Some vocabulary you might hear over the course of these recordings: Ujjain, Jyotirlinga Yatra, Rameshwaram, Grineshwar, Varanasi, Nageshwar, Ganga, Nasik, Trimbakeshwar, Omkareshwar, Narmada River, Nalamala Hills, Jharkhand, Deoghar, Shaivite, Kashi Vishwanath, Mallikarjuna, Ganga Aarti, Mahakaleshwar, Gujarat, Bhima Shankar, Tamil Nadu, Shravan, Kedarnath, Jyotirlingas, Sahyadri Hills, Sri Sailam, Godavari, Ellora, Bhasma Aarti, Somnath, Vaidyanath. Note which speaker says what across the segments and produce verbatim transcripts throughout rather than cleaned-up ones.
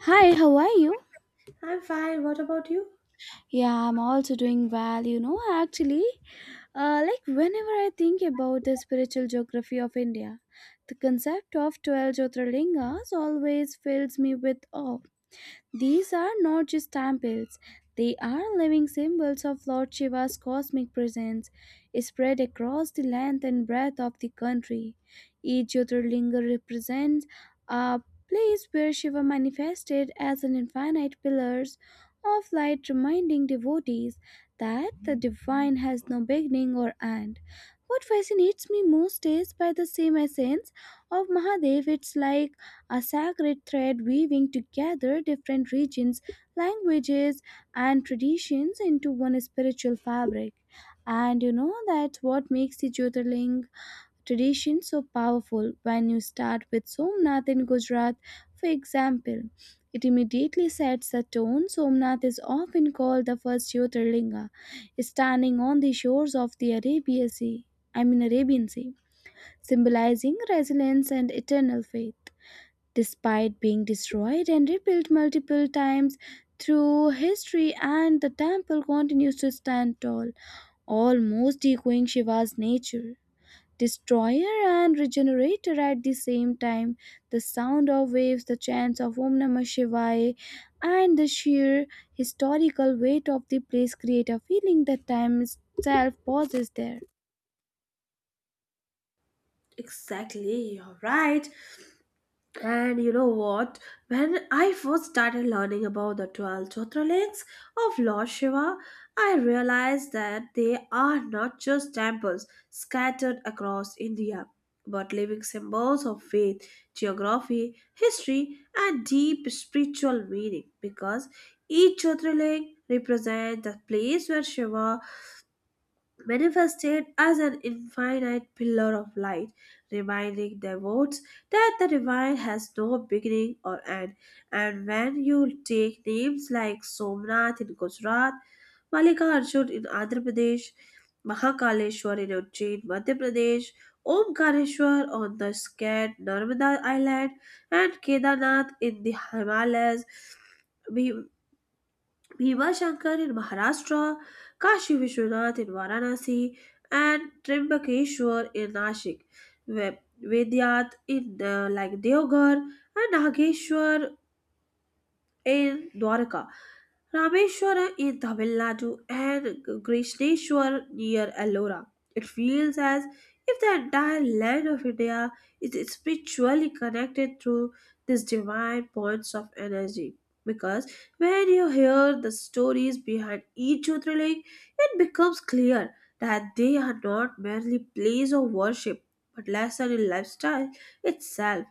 Speaker 1: Hi, how are you?
Speaker 2: I'm fine. What about you?
Speaker 1: Yeah, I'm also doing well. You know, actually, uh, like whenever I think about the spiritual geography of India, the concept of twelve Jyotirlingas always fills me with awe. These are not just temples, they are living symbols of Lord Shiva's cosmic presence spread across the length and breadth of the country. Each Jyotirlinga represents a place where Shiva manifested as an infinite pillars of light, reminding devotees that the divine has no beginning or end. What fascinates me most is by the same essence of Mahadev, it's like a sacred thread weaving together different regions, languages, and traditions into one spiritual fabric. And you know that's what makes the Jyotirling tradition so powerful. When you start with Somnath in Gujarat, for example, it immediately sets the tone. Somnath is often called the first Jyotirlinga, standing on the shores of the Arabian Sea. I mean Arabian Sea, symbolizing resilience and eternal faith. Despite being destroyed and rebuilt multiple times through history, and the temple continues to stand tall, almost echoing Shiva's nature. Destroyer and regenerator at the same time, the sound of waves, the chants of Om Namah Shivaya, and the sheer historical weight of the place create a feeling that time itself pauses there.
Speaker 2: Exactly, you're right. And you know what? When I first started learning about the twelve Jyotirlings of Lord Shiva, I realized that they are not just temples scattered across India, but living symbols of faith, geography, history, and deep spiritual meaning, because each Jyotirling represents the place where Shiva manifested as an infinite pillar of light, reminding devotees that the divine has no beginning or end. And when you take names like Somnath in Gujarat, Malikarjun in Andhra Pradesh, Mahakaleshwar in Ujjain, Madhya Pradesh, Omkareshwar on the scared Narmada Island, and Kedarnath in the Himalayas, we Bhimashankar in Maharashtra, Kashi Vishwanath in Varanasi, and Trimbakeshwar in Nashik, Ve- Vedyat in uh, like Deoghar, and Nageshwar in Dwarka. Rameshwara in Tamil Nadu and Krishneshwar near Ellora. It feels as if the entire land of India is spiritually connected through these divine points of energy. Because when you hear the stories behind each Jyotirling, it becomes clear that they are not merely place of worship but lesson in lifestyle itself,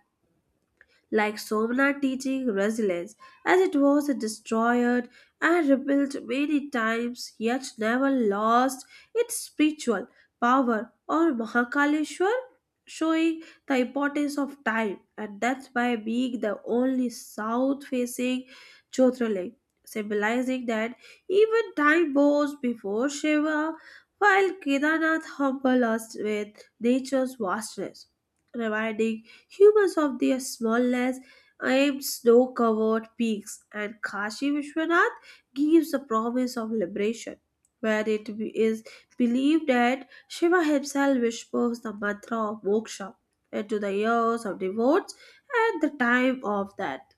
Speaker 2: like Somnath teaching resilience, as it was destroyed and rebuilt many times yet never lost its spiritual power, or Mahakaleshwar showing the importance of time and that's by being the only south facing Jyotirling, symbolizing that even time goes before Shiva, while Kedarnath humbles us with nature's vastness. Reminding humans of their smallness aimed snow-covered peaks, and Kashi Vishwanath gives the promise of liberation, where it is believed that Shiva himself whispers the mantra of moksha into the ears of devotees at the time of that.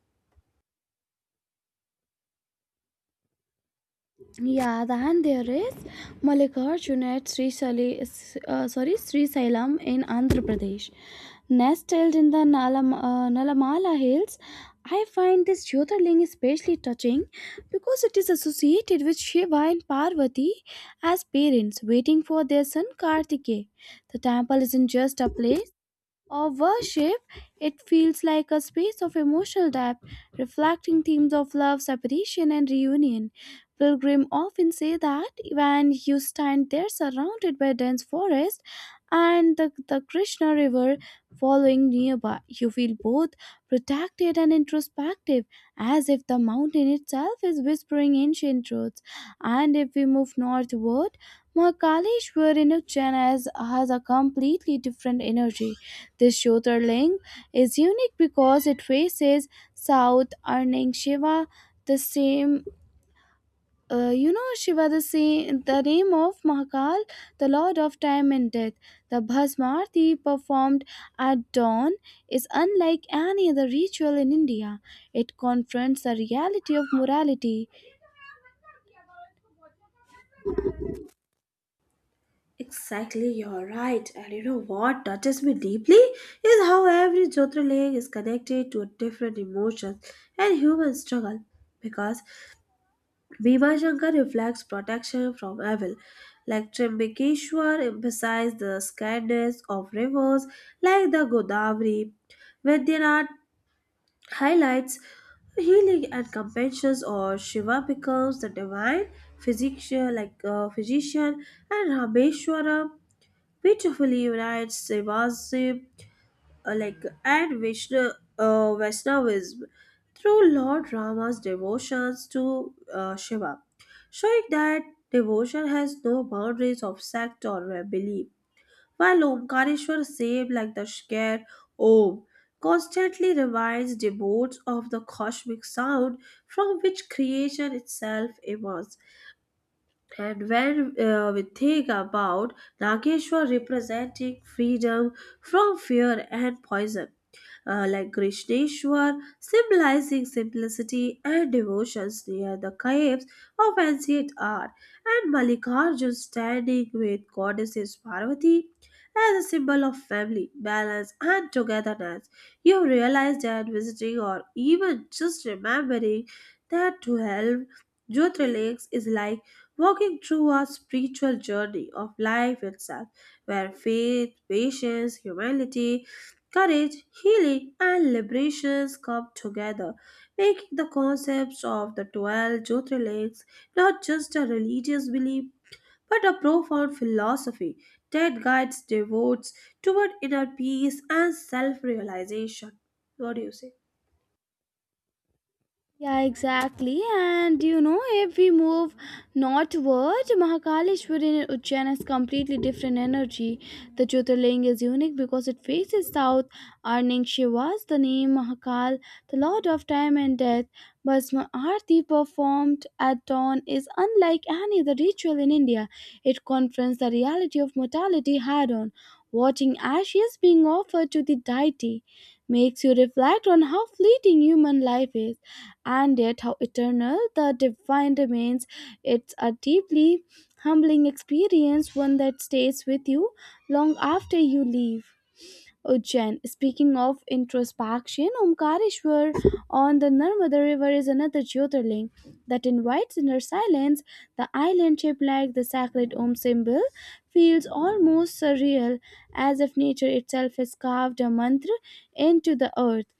Speaker 1: Yeah, then there is Mallikarjuna at Sri Sali, uh, sorry, Sri Sailam in Andhra Pradesh. Nestled in the Nalam, uh, Nalamala Hills, I find this Jyotirling especially touching because it is associated with Shiva and Parvati as parents waiting for their son Kartikeya. The temple isn't just a place, or worship, it feels like a space of emotional depth, reflecting themes of love, separation, and reunion. Pilgrims often say that when you stand there surrounded by dense forest and the, the Krishna River following nearby, you feel both protected and introspective, as if the mountain itself is whispering ancient truths. And if we move northward, Mahakaleshwar in Ujjain has, has a completely different energy. This Jyotirling is unique because it faces south, earning Shiva the same. Uh, you know Shiva the same the name of Mahakal, the Lord of Time and Death. The Bhasma Aarti performed at dawn is unlike any other ritual in India. It confronts the reality of morality.
Speaker 2: Exactly, you're right. And you know what touches me deeply is how every Jyotirling is connected to a different emotion and human struggle, because Viva reflects protection from evil, like Trimbakeshwar emphasized the sacredness of rivers like the Godavari. Vaidyanath highlights healing and compassion, or Shiva becomes the divine physician, like uh, physician, and Rameshwaram beautifully unites Shiva's uh, like and Vishnu, uh, Vaishnavism through Lord Rama's devotions to uh, Shiva, showing that devotion has no boundaries of sect or uh, belief. While Omkareshwar saved like the scare Om constantly reminds devotees of the cosmic sound from which creation itself emerges. And when uh, we think about Nageshwar representing freedom from fear and poison, uh, like Krishneshwar, symbolizing simplicity and devotions near the caves of ancient art, and Mallikarjun standing with goddesses Parvati as a symbol of family, balance, and togetherness. You realize that visiting or even just remembering that to help Jyotirlinks is like walking through a spiritual journey of life itself, where faith, patience, humility, courage, healing, and liberation come together, making the concepts of the twelve Jyotirlingas not just a religious belief but a profound philosophy that guides devotees toward inner peace and self realization. What do you say?
Speaker 1: Yeah, exactly. And you know, if we move northward, Mahakaleshwar in Ujjain has completely different energy. The Jyotirling is unique because it faces south, earning Shiva's the name Mahakal, the lord of time and death. Bhasma Aarti performed at dawn is unlike any other ritual in India. It confronts the reality of mortality head on, watching ashes being offered to the deity makes you reflect on how fleeting human life is and yet how eternal the divine remains. It's a deeply humbling experience, one that stays with you long after you leave. Ujjain. Speaking of introspection, Omkareshwar on the Narmada River is another Jyotirling that invites inner silence. The island, shaped like the sacred Om symbol, feels almost surreal, as if nature itself has carved a mantra into the earth.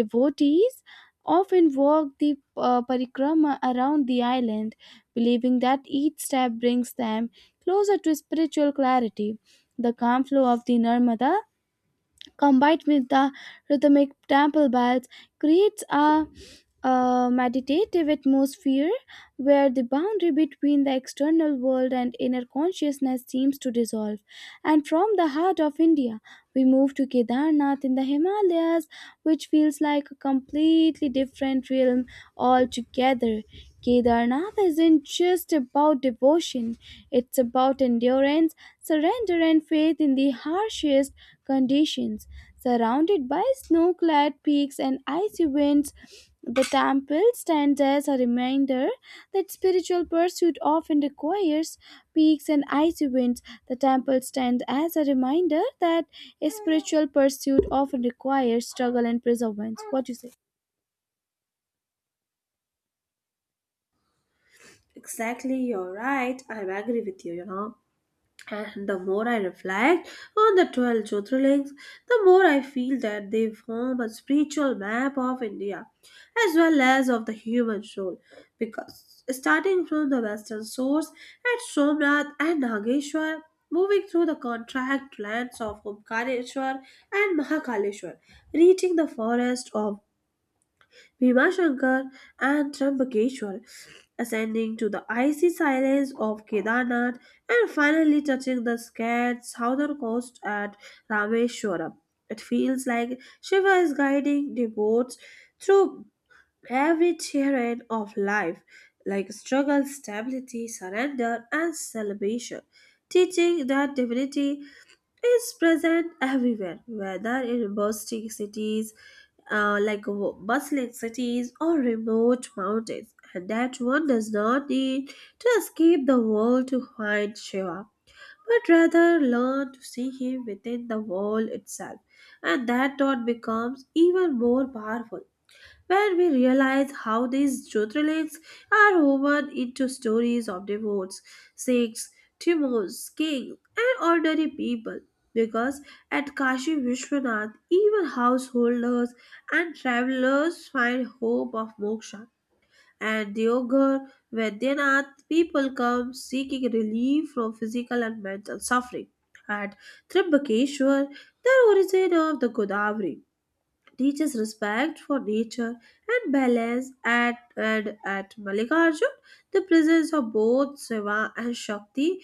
Speaker 1: Devotees often walk the uh, parikrama around the island, believing that each step brings them closer to spiritual clarity. The calm flow of the Narmada combined with the rhythmic temple bells creates a, uh meditative atmosphere where the boundary between the external world and inner consciousness seems to dissolve. And from the heart of India, we move to Kedarnath in the Himalayas, which feels like a completely different realm altogether. Kedarnath isn't just about devotion, it's about endurance, surrender, and faith in the harshest conditions. Surrounded by snow clad peaks and icy winds, the temple stands as a reminder that spiritual pursuit often requires peaks and icy winds. The temple stands as a reminder that a spiritual pursuit often requires struggle and perseverance. What do you say?
Speaker 2: Exactly, you're right. I agree with you, you know. And the more I reflect on the twelve Jyotirlings, the more I feel that they form a spiritual map of India as well as of the human soul. Because starting from the western source at Somnath and Nageshwar, moving through the contract lands of Omkareshwar and Mahakaleshwar, reaching the forest of Bhima Shankar and Triambakeshwar, ascending to the icy silence of Kedarnath, and finally touching the scared southern coast at Rameshwaram. It feels like Shiva is guiding devotees through every terrain of life, like struggle, stability, surrender, and celebration, teaching that divinity is present everywhere, whether in bustling cities uh, like w- bustling cities or remote mountains, and that one does not need to escape the world to find Shiva, but rather learn to see him within the world itself, and that thought becomes even more powerful when we realize how these truth relics are woven into stories of devotes, saints, tumors, kings, and ordinary people. Because at Kashi Vishwanath, even householders and travelers find hope of moksha. And Deoghar Vaidyanath, people come seeking relief from physical and mental suffering. At Trimbakeshwar, the origin of the Godavari teaches respect for nature and balance at and at Mallikarjun, the presence of both Shiva and Shakti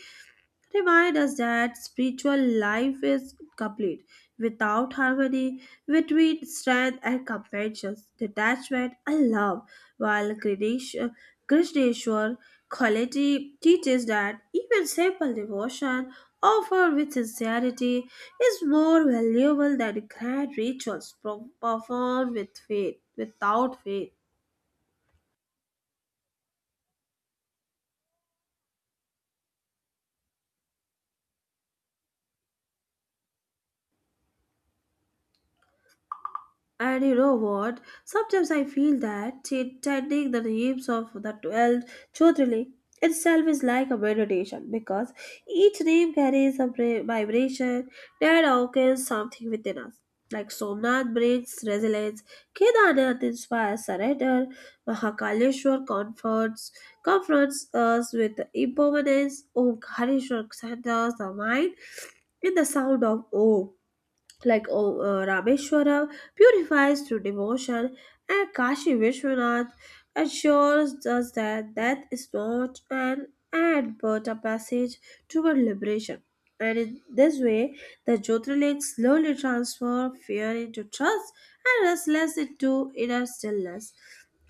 Speaker 2: remind us that spiritual life is complete. Without harmony between strength and compassion, detachment and love, while Krishnesh- Krishneshwar quality teaches that even simple devotion offered with sincerity is more valuable than grand rituals pro- performed with faith, without faith. And you know what? Sometimes I feel that chanting the names of the twelve Jyotirling itself is like a meditation, because each name carries a bra- vibration that awakens something within us. Like Somnath brings resilience, Kedarnath inspires surrender, Mahakaleshwar comforts, confronts us with impermanence, Omkareshwar centers the mind in the sound of Om, like O- uh, Rameshwara purifies through devotion, and Kashi Vishwanath assures us that death is not an end but a passage toward liberation. And in this way, the Jyotirlinga slowly transform fear into trust, and restless into inner stillness.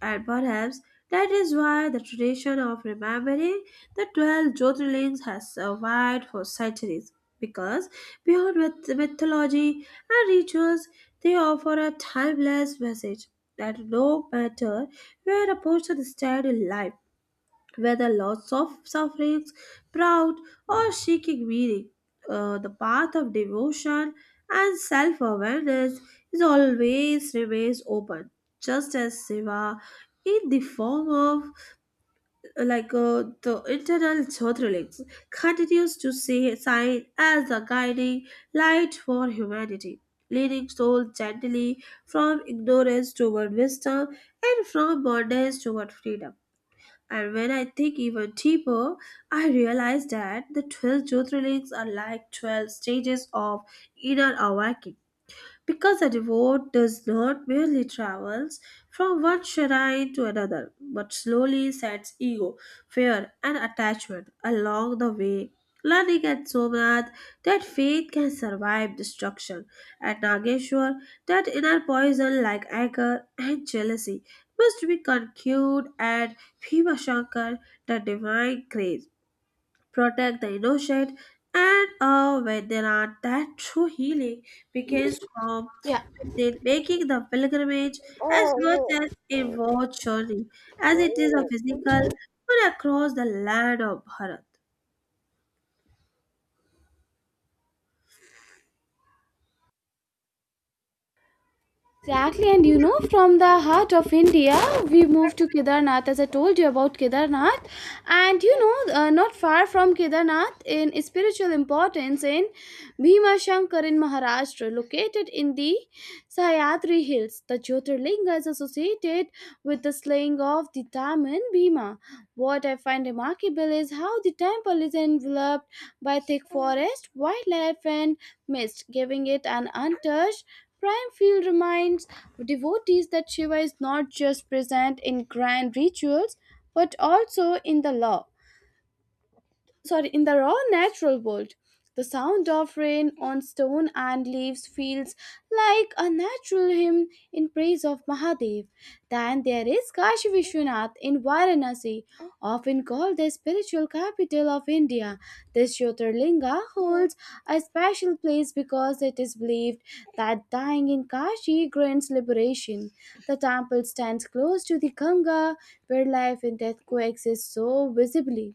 Speaker 2: And perhaps that is why the tradition of remembering the twelve Jyotirlings has survived for centuries. Because beyond myth- mythology, and rituals, they offer a timeless message that no matter where a person stands in life, whether lots of sufferings, proud, or seeking meaning, uh, the path of devotion and self awareness is always remains open, just as Shiva in the form of like uh, the internal Zotrilics, continues to see science as a guiding light for humanity, leading souls gently from ignorance toward wisdom and from bondage toward freedom. And when I think even deeper, I realize that the twelve Jyotirlings are like twelve stages of inner awakening, because a devote does not merely travels from one shrine to another, but slowly sets ego, fear, and attachment along the way. Learning at Somnath that faith can survive destruction, at Nageshwar that inner poison like anger and jealousy must be conquered, at Bhimashankar the divine grace protect the innocent, and uh, when there are that true healing begins from within, making the pilgrimage as much as a war journey as it is a physical one across the land of Bharat.
Speaker 1: Exactly, and you know, from the heart of India, we moved to Kedarnath, as I told you about Kedarnath. And you know, uh, not far from Kedarnath, in spiritual importance, in Bhima Shankar in Maharashtra, located in the Sahyadri Hills, the Jyotirlinga is associated with the slaying of the Taman Bhima. What I find remarkable is how the temple is enveloped by thick forest, wildlife, and mist, giving it an untouched Prime Field reminds devotees that Shiva is not just present in grand rituals but also in the law sorry in the raw natural world. The sound of rain on stone and leaves feels like a natural hymn in praise of Mahadev. Then there is Kashi Vishwanath in Varanasi, often called the spiritual capital of India. This Jyotirlinga holds a special place because it is believed that dying in Kashi grants liberation. The temple stands close to the Ganga, where life and death coexist so visibly.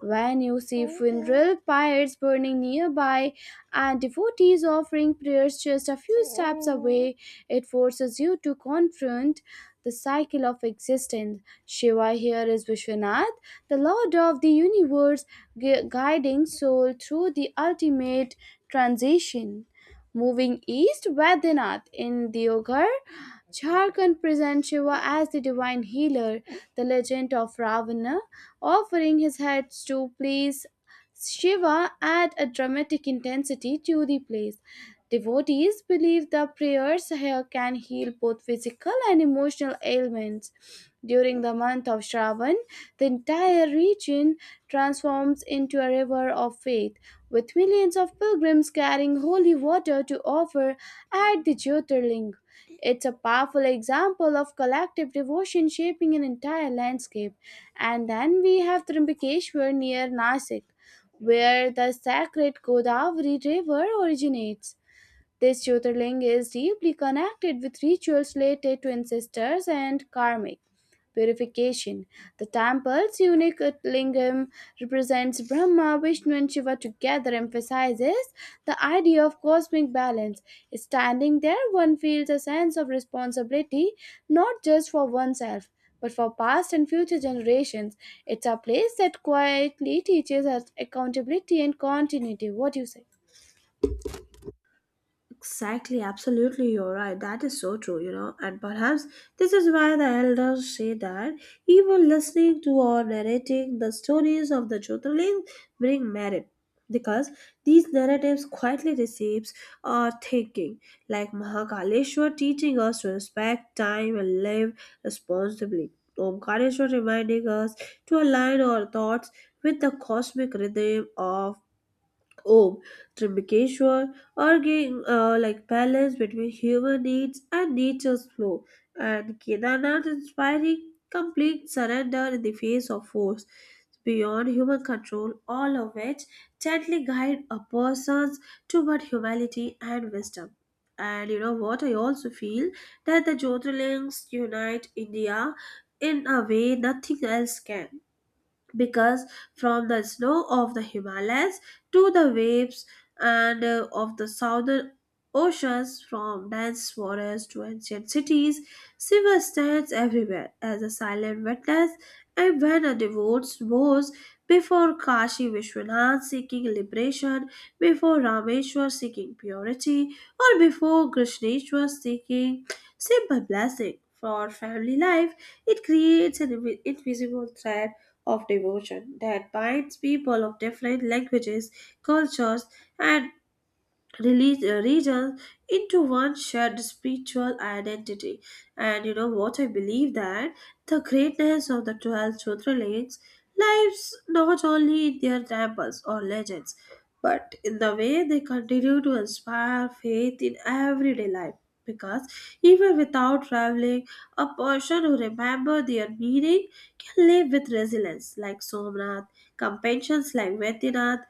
Speaker 1: When you see funeral pyres burning nearby and devotees offering prayers just a few steps away, it forces you to confront the cycle of existence. Shiva here is Vishwanath, the Lord of the universe, gu- guiding soul through the ultimate transition. Moving east, Vaidyanath in Deoghar, Jharkhand presents Shiva as the divine healer, the legend of Ravana, offering his heads to please Shiva add a dramatic intensity to the place. Devotees believe the prayers here can heal both physical and emotional ailments. During the month of Shravan, the entire region transforms into a river of faith, with millions of pilgrims carrying holy water to offer at the Jyotirling. It's a powerful example of collective devotion shaping an entire landscape. And then we have Trimbakeshwar near Nasik, where the sacred Godavari river originates. This Jyotirling is deeply connected with rituals related to ancestors and karmic purification. The temple's unique lingam represents Brahma, Vishnu, and Shiva together, emphasizes the idea of cosmic balance. Standing there, one feels a sense of responsibility not just for oneself. But for past and future generations, it's a place that quietly teaches us accountability and continuity. What do you say?
Speaker 2: Exactly, absolutely, you're right. That is so true, you know. And perhaps this is why the elders say that even listening to or narrating the stories of the Jyotirling bring merit. Because these narratives quietly receives our thinking, like Mahakaleshwar teaching us to respect time and live responsibly. Omkareshwar reminding us to align our thoughts with the cosmic rhythm of Om, Trimbakeshwar, arguing uh, like balance between human needs and nature's flow, and Kedarnath inspiring complete surrender in the face of force beyond human control, all of which gently guide a person's toward humility and wisdom. And you know what? I also feel that the Jyotirlings unite India in a way nothing else can, because from the snow of the Himalayas to the waves and uh, of the southern oceans, from dense forests to ancient cities, Shiva stands everywhere as a silent witness. And when a devout bows before Kashi Vishwanath seeking liberation, before Rameshwar seeking purity, or before Krishneshwar seeking simple blessing for family life, it creates an invi- invisible thread of devotion that binds people of different languages, cultures, and relig- uh, regions into one shared spiritual identity. And you know what? I believe that the greatness of the twelve Jyotirlings lies not only in their temples or legends, but in the way they continue to inspire faith in everyday life. Because even without traveling, a person who remembers their meaning can live with resilience, like Somnath, compassion like Vedinath,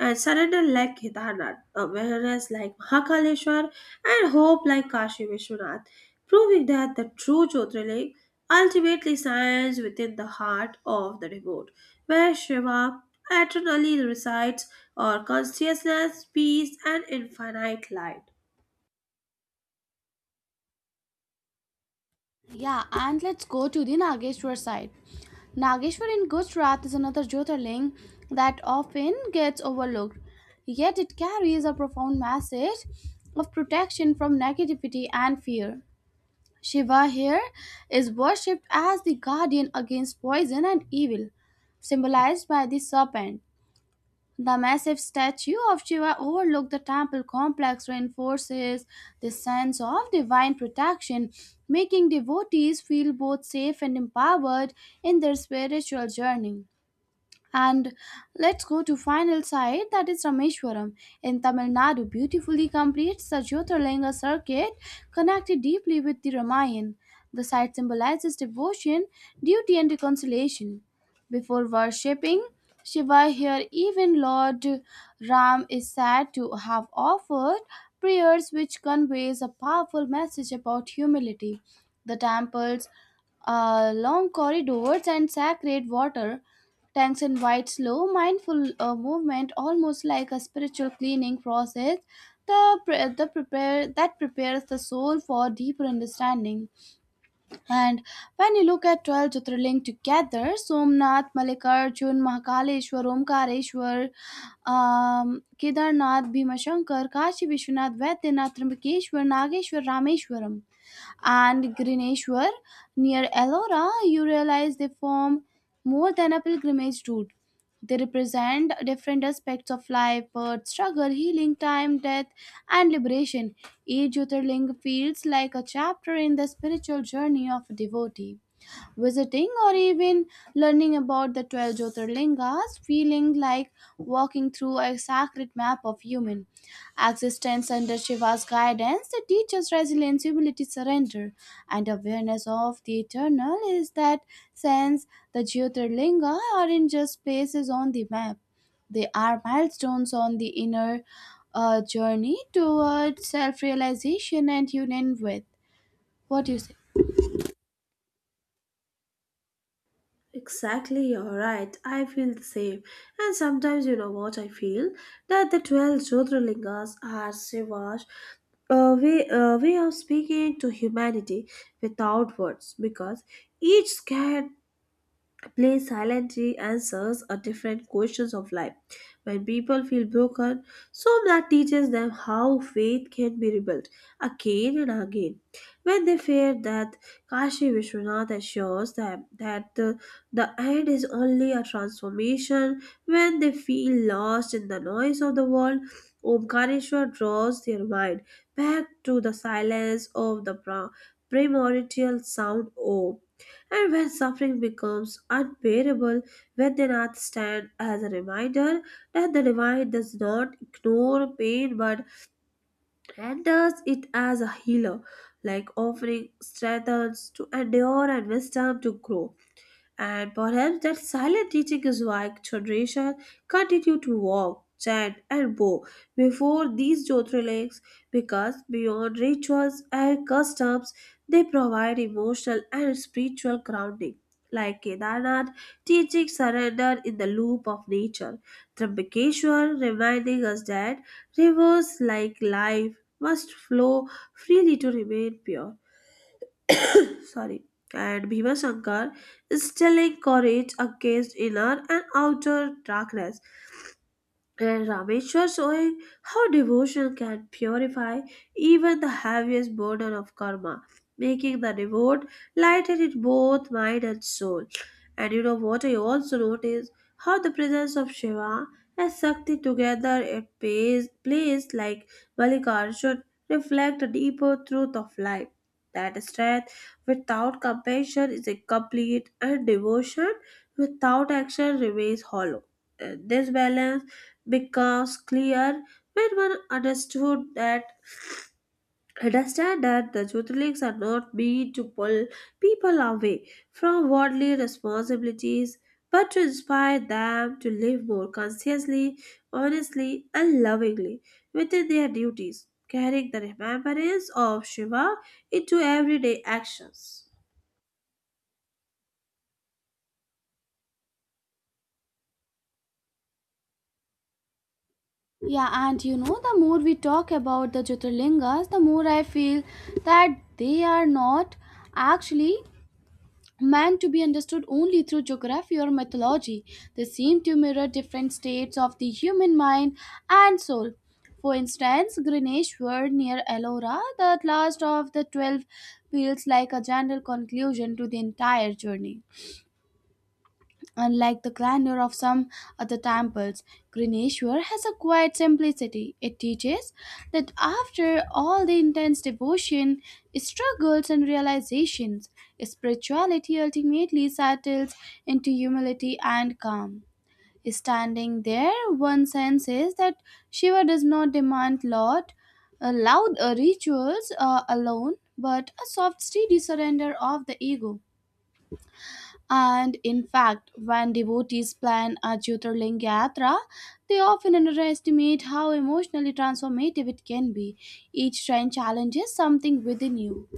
Speaker 2: and surrender like Kedarnath, awareness like Mahakaleshwar, and hope like Kashi Vishwanath, proving that the true Jyotirling ultimately shines within the heart of the devote, where Shiva eternally resides, or consciousness, peace, and infinite light.
Speaker 1: Yeah, and let's go to the Nageshwar side. Nageshwar in Gujarat is another Jyotirling that often gets overlooked, yet it carries a profound message of protection from negativity and fear. Shiva here is worshipped as the guardian against poison and evil, symbolized by the serpent. The massive statue of Shiva overlooked the temple complex reinforces this sense of divine protection, making devotees feel both safe and empowered in their spiritual journey. And let's go to final site that is Rameshwaram in Tamil Nadu beautifully completes the Jyotirlinga circuit connected deeply with the Ramayana. The site symbolizes devotion, duty and reconciliation. Before worshipping Shiva here, even Lord Ram is said to have offered prayers which conveys a powerful message about humility. The temple's uh, long corridors and sacred water tanks invite slow, mindful uh, movement, almost like a spiritual cleaning process. The, pre- the prepare that prepares the soul for deeper understanding. And when you look at twelve Jyotirlinga together, Somnath, Mallikarjun, Mahakaleshwar, Omkareshwar, um, Kedarnath, Bhimashankar, Kashi Vishwanath, Vaidyanath, Trimbakeshwar, Nageshwar, Rameshwaram and Grineshwar near Ellora, you realize they form more than a pilgrimage route. They represent different aspects of life birth, struggle, healing, time, death, and liberation. Each Jyotirling feels like a chapter in the spiritual journey of a devotee. Visiting or even learning about the twelve Jyotirlingas, feeling like walking through a sacred map of human existence under Shiva's guidance, the teacher's resilience, humility, surrender, and awareness of the eternal is that sense the Jyotirlinga aren't just places on the map. They are milestones on the inner uh, journey towards self realization and union with. What do you say?
Speaker 2: Exactly, you're right. I feel the same. And sometimes, you know what I feel? That the twelve Jyotirlingas are Shiva's uh, way, uh, way of speaking to humanity without words, because each scared Play silently answers are different questions of life. When people feel broken, Psalm that teaches them how faith can be rebuilt again and again. When they fear that Kashi Vishwanath assures them that the, the end is only a transformation, when they feel lost in the noise of the world, Omkareshwar draws their mind back to the silence of the pra- primordial sound Om. And when suffering becomes unbearable, when they Nath stand as a reminder that the divine does not ignore pain but renders it as a healer, like offering strength to endure and wisdom to grow. And perhaps that silent teaching is why generation continue to walk, chant, and bow before these Jyotirlings, because beyond rituals and customs, they provide emotional and spiritual grounding. Like Kedarnath, teaching surrender in the loop of nature. Trimbakeshwar reminding us that rivers like life must flow freely to remain pure sorry, and Bhima Shankar still encourage a guest inner and outer darkness. And Rameshwar showing how devotion can purify even the heaviest burden of karma, making the reward lighten in both mind and soul. And you know what, I also notice how the presence of Shiva and Shakti together at place, place like Malikarjun reflect a deeper truth of life. That strength without compassion is incomplete, and devotion without action remains hollow. And this balance because clear when one understood that understand that the Jyotirlings are not meant to pull people away from worldly responsibilities, but to inspire them to live more consciously, honestly, and lovingly within their duties, carrying the remembrance of Shiva into everyday actions.
Speaker 1: Yeah, and you know, the more we talk about the Jyotirlingas, the more I feel that they are not actually meant to be understood only through geography or mythology. They seem to mirror different states of the human mind and soul. For instance, Grineshwar near Ellora, the last of the twelve, feels like a general conclusion to the entire journey. Unlike the grandeur of some other temples, Grineshwar has a quiet simplicity. It teaches that after all the intense devotion, struggles, and realizations, spirituality ultimately settles into humility and calm. Standing there, one senses that Shiva does not demand lot, uh, loud uh, rituals uh, alone, but a soft, steady surrender of the ego. And in fact, when devotees plan a Jyotirlinga Yatra, they often underestimate how emotionally transformative it can be. Each shrine challenges something within you.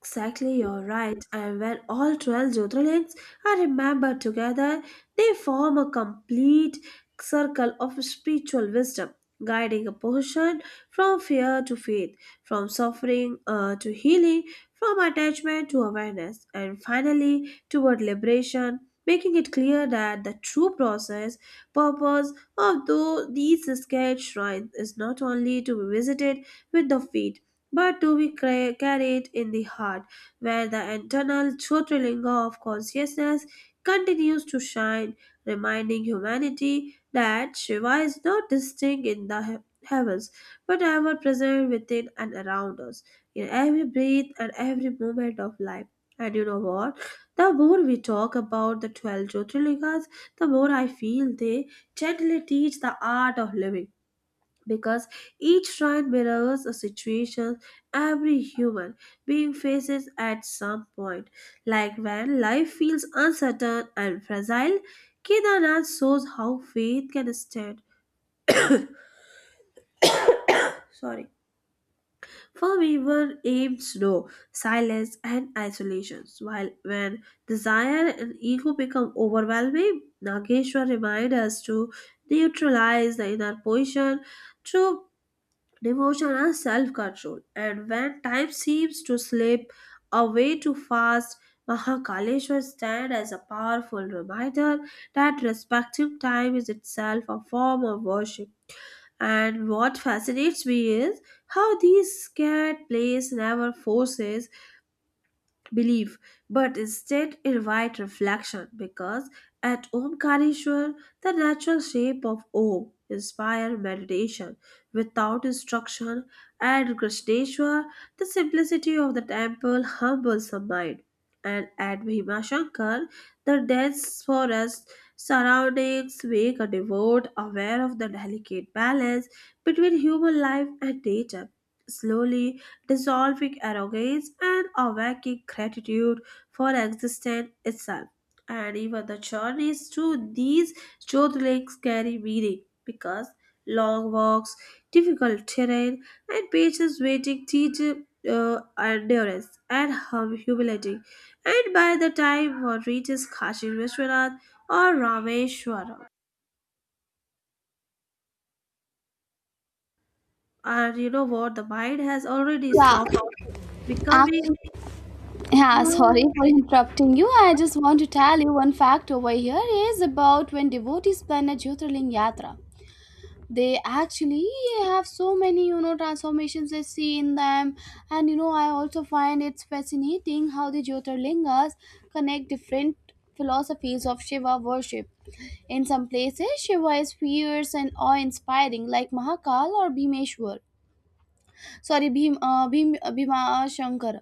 Speaker 2: Exactly, you're right. And when all twelve Jyotirlings are remembered together, they form a complete circle of spiritual wisdom, guiding a person from fear to faith, from suffering uh, to healing, from attachment to awareness, and finally toward liberation, making it clear that the true process, purpose of tho- these sacred shrines is not only to be visited with the faith, but do we cra- carry it in the heart, where the internal Jyotirlinga of consciousness continues to shine, reminding humanity that Shiva is not distinct in the he- heavens, but ever present within and around us, in every breath and every moment of life. And you know what? The more we talk about the twelve Jyotirlingas, the more I feel they gently teach the art of living, because each shrine mirrors a situation every human being faces at some point. Like when life feels uncertain and fragile, Kedarnath shows how faith can stand. Sorry, from even aimed snow, silence, and isolations. While when desire and ego become overwhelming, Nageshwar reminds us to neutralize the inner position through devotion and self control. And when time seems to slip away too fast, Mahakaleshwar stands as a powerful reminder that respecting time is itself a form of worship. And what fascinates me is how these scared place never forces belief, but instead invite reflection, because at Omkarishwar, the natural shape of Om inspire meditation without instruction, and Krishneshwar, the simplicity of the temple humbles the mind. And at Bhimashankar, the dense forest surroundings make a devote aware of the delicate balance between human life and nature. Slowly, dissolving arrogance and awakening gratitude for existence itself. And even the journeys through these Jyotirlings carry meaning, because long walks, difficult terrain, and patience waiting teach uh, endurance and hum- humility. And by the time one reaches Kashi Vishwanath or Rameshwaram, and you know what, the mind has already
Speaker 1: Yeah,
Speaker 2: softened, becoming
Speaker 1: actually, yeah, sorry
Speaker 2: more.
Speaker 1: for interrupting you. I just want to tell you one fact over here is about when devotees plan a Jyotirlinga Yatra. They actually have so many you know transformations they see in them. And you know I also find it's fascinating how the Jyotirlingas connect different philosophies of Shiva worship. In some places Shiva is fierce and awe-inspiring like Mahakal or bhimeshwar sorry Bhim, uh, Bhim, uh, bhima shankar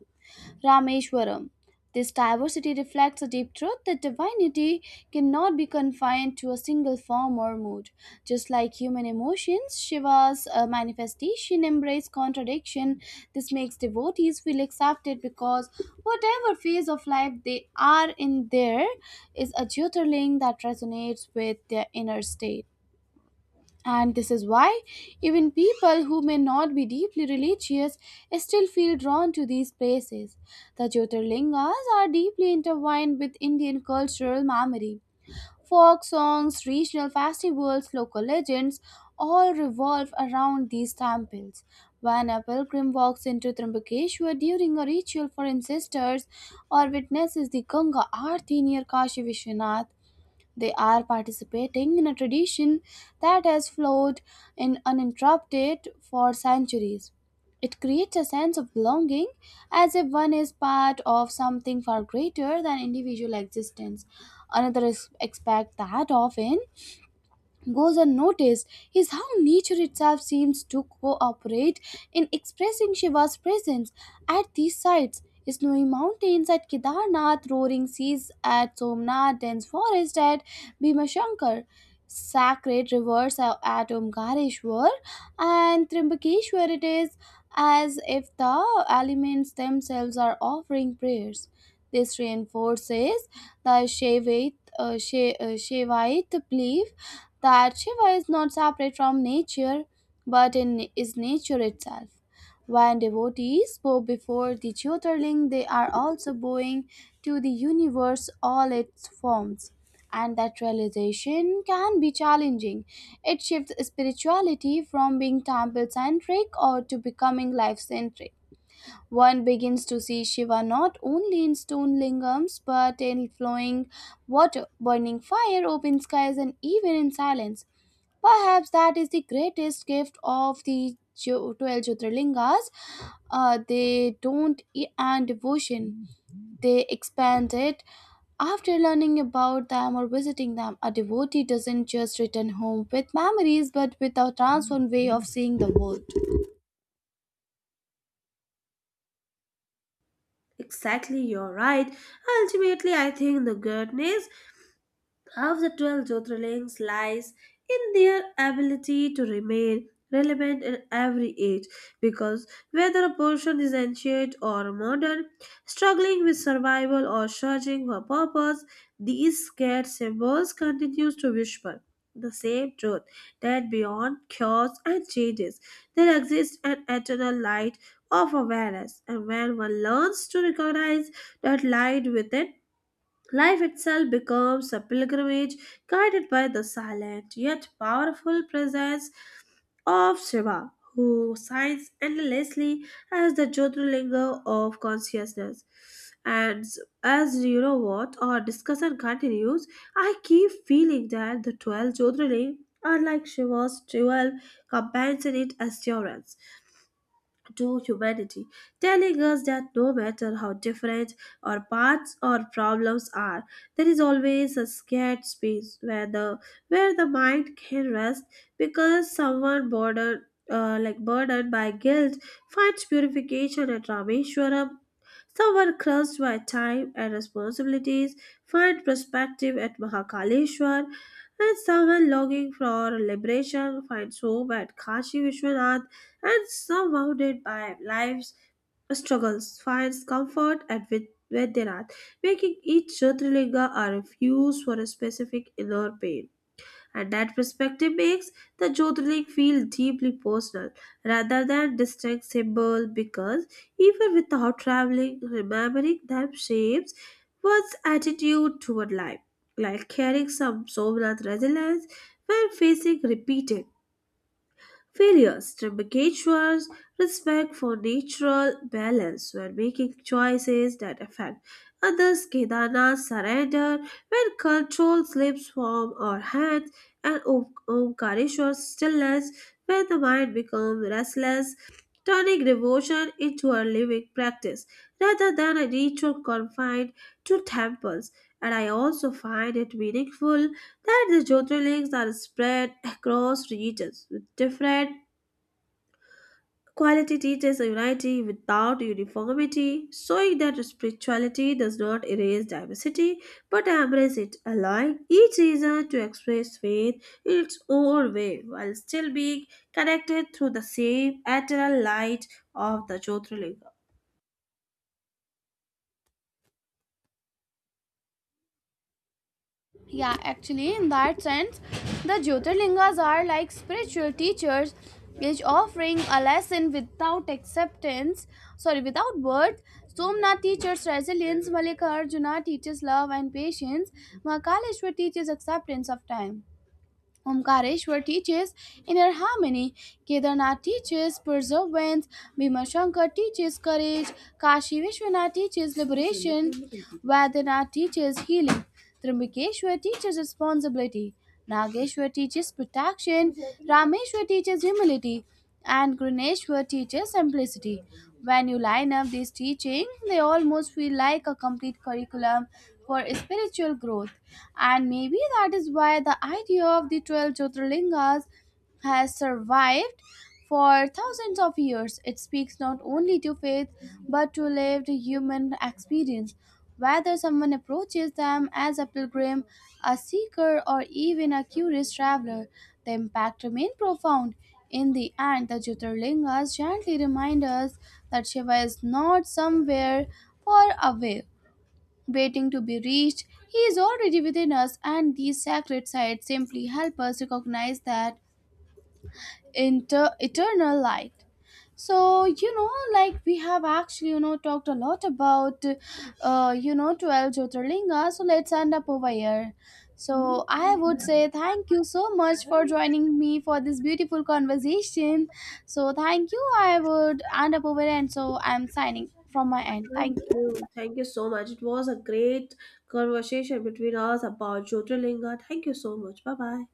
Speaker 1: Rameshwaram. This diversity reflects a deep truth that divinity cannot be confined to a single form or mood. Just like human emotions, Shiva's uh, manifestation embrace contradiction. This makes devotees feel accepted because whatever phase of life they are in, there is a Jyotirling that resonates with their inner state. And this is why even people who may not be deeply religious still feel drawn to these places. The Jyotirlingas are deeply intertwined with Indian cultural memory. Folk songs, regional festivals, local legends all revolve around these temples. When a pilgrim walks into Trimbakeshwar during a ritual for ancestors or witnesses the Ganga Aarti near Kashi Vishwanath, they are participating in a tradition that has flowed in uninterrupted for centuries. It creates a sense of belonging as if one is part of something far greater than individual existence. Another is- aspect that often goes unnoticed is how nature itself seems to cooperate in expressing Shiva's presence at these sites. Snowy mountains at Kedarnath, roaring seas at Somnath, dense forest at Bhimashankar, sacred rivers are at Omkareshwar, and Trimbakeshwar it is as if the elements themselves are offering prayers. This reinforces the Shaivite, uh, Shai- uh, Shaivite belief that Shiva is not separate from nature but in, is nature itself. When devotees bow before the Jyotirling, they are also bowing to the universe, all its forms. And that realization can be challenging. It shifts spirituality from being temple centric or to becoming life centric. One begins to see Shiva not only in stone lingams but in flowing water, burning fire, open skies, and even in silence. Perhaps that is the greatest gift of the jo- twelve Jyotirlingas. Uh, they don't end devotion, they expand it. After learning about them or visiting them, a devotee doesn't just return home with memories but with a transformed way of seeing the world.
Speaker 2: Exactly, you're right. Ultimately, I think the good news of the twelve Jyotirlings lies in their ability to remain relevant in every age, because whether a person is ancient or modern, struggling with survival or searching for purpose, these scared symbols continues to whisper the same truth, that beyond chaos and changes there exists an eternal light of awareness. And when one learns to recognize that light within, life itself becomes a pilgrimage, guided by the silent yet powerful presence of Shiva, who shines endlessly as the Jyotirlinga of consciousness. And as you know what, our discussion continues, I keep feeling that the twelve Jyotirling are like Shiva's twelve companions in its assurance to humanity, telling us that no matter how different our paths or problems are, there is always a scared space where the where the mind can rest, because someone bordered uh, like burdened by guilt finds purification at Rameshwaram. Someone crushed by time and responsibilities finds perspective at Mahakaleshwar, and someone longing for liberation finds hope at Kashi Vishwanath, and surrounded by life's struggles, finds comfort at Vid- Vedanath, making each Jyotirlinga a refuge for a specific inner pain. And that perspective makes the Jyotirling feel deeply personal rather than distinct symbol, because even without traveling, remembering them shapes one's attitude toward life, like carrying some Somnath resilience when facing repeated failures, Trimbakage respect for natural balance when making choices that affect others, Kedana surrender when control slips from our hands, and Om- Omkareswar's stillness when the mind becomes restless, turning devotion into a living practice rather than a ritual confined to temples. And I also find it meaningful that the Jyotirlings are spread across regions with different quality teachers unity without uniformity, showing that spirituality does not erase diversity but embrace it, allowing each region to express faith in its own way while still being connected through the same eternal light of the Jyotirlinga.
Speaker 1: Yeah, actually, in that sense, the Jyotirlingas are like spiritual teachers, each offering a lesson without acceptance, sorry, without words. Somnath teaches resilience, Malikarjuna teaches love and patience, Mahakaleshwar teaches acceptance of time. Omkareshwar teaches inner harmony, Kedarnath teaches perseverance, Bhimashankar teaches courage, Kashi Vishwanath teaches liberation, Vaidyanath teaches healing, Trimbakeshwar teaches responsibility, Nageshwar teaches protection, Rameshwar teaches humility, and Graneshwar teaches simplicity. When you line up these teaching, they almost feel like a complete curriculum for spiritual growth. And maybe that is why the idea of the twelve Jyotirlingas has survived for thousands of years. It speaks not only to faith but to lived human experience. Whether someone approaches them as a pilgrim, a seeker, or even a curious traveler, the impact remains profound. In the end, the Jyotirlingas gently remind us that Shiva is not somewhere far away, waiting to be reached. He is already within us, and these sacred sites simply help us recognize that inter- eternal light. So, you know, like we have actually you know talked a lot about uh you know twelve Jyotirlinga, so let's end up over here. So I would say thank you so much for joining me for this beautiful conversation. So thank you, I would end up over here, and so I'm signing from my end. Thank
Speaker 2: Thank
Speaker 1: you.
Speaker 2: you. Thank you so much. It was a great conversation between us about Jyotirlinga. Thank you so much. Bye bye.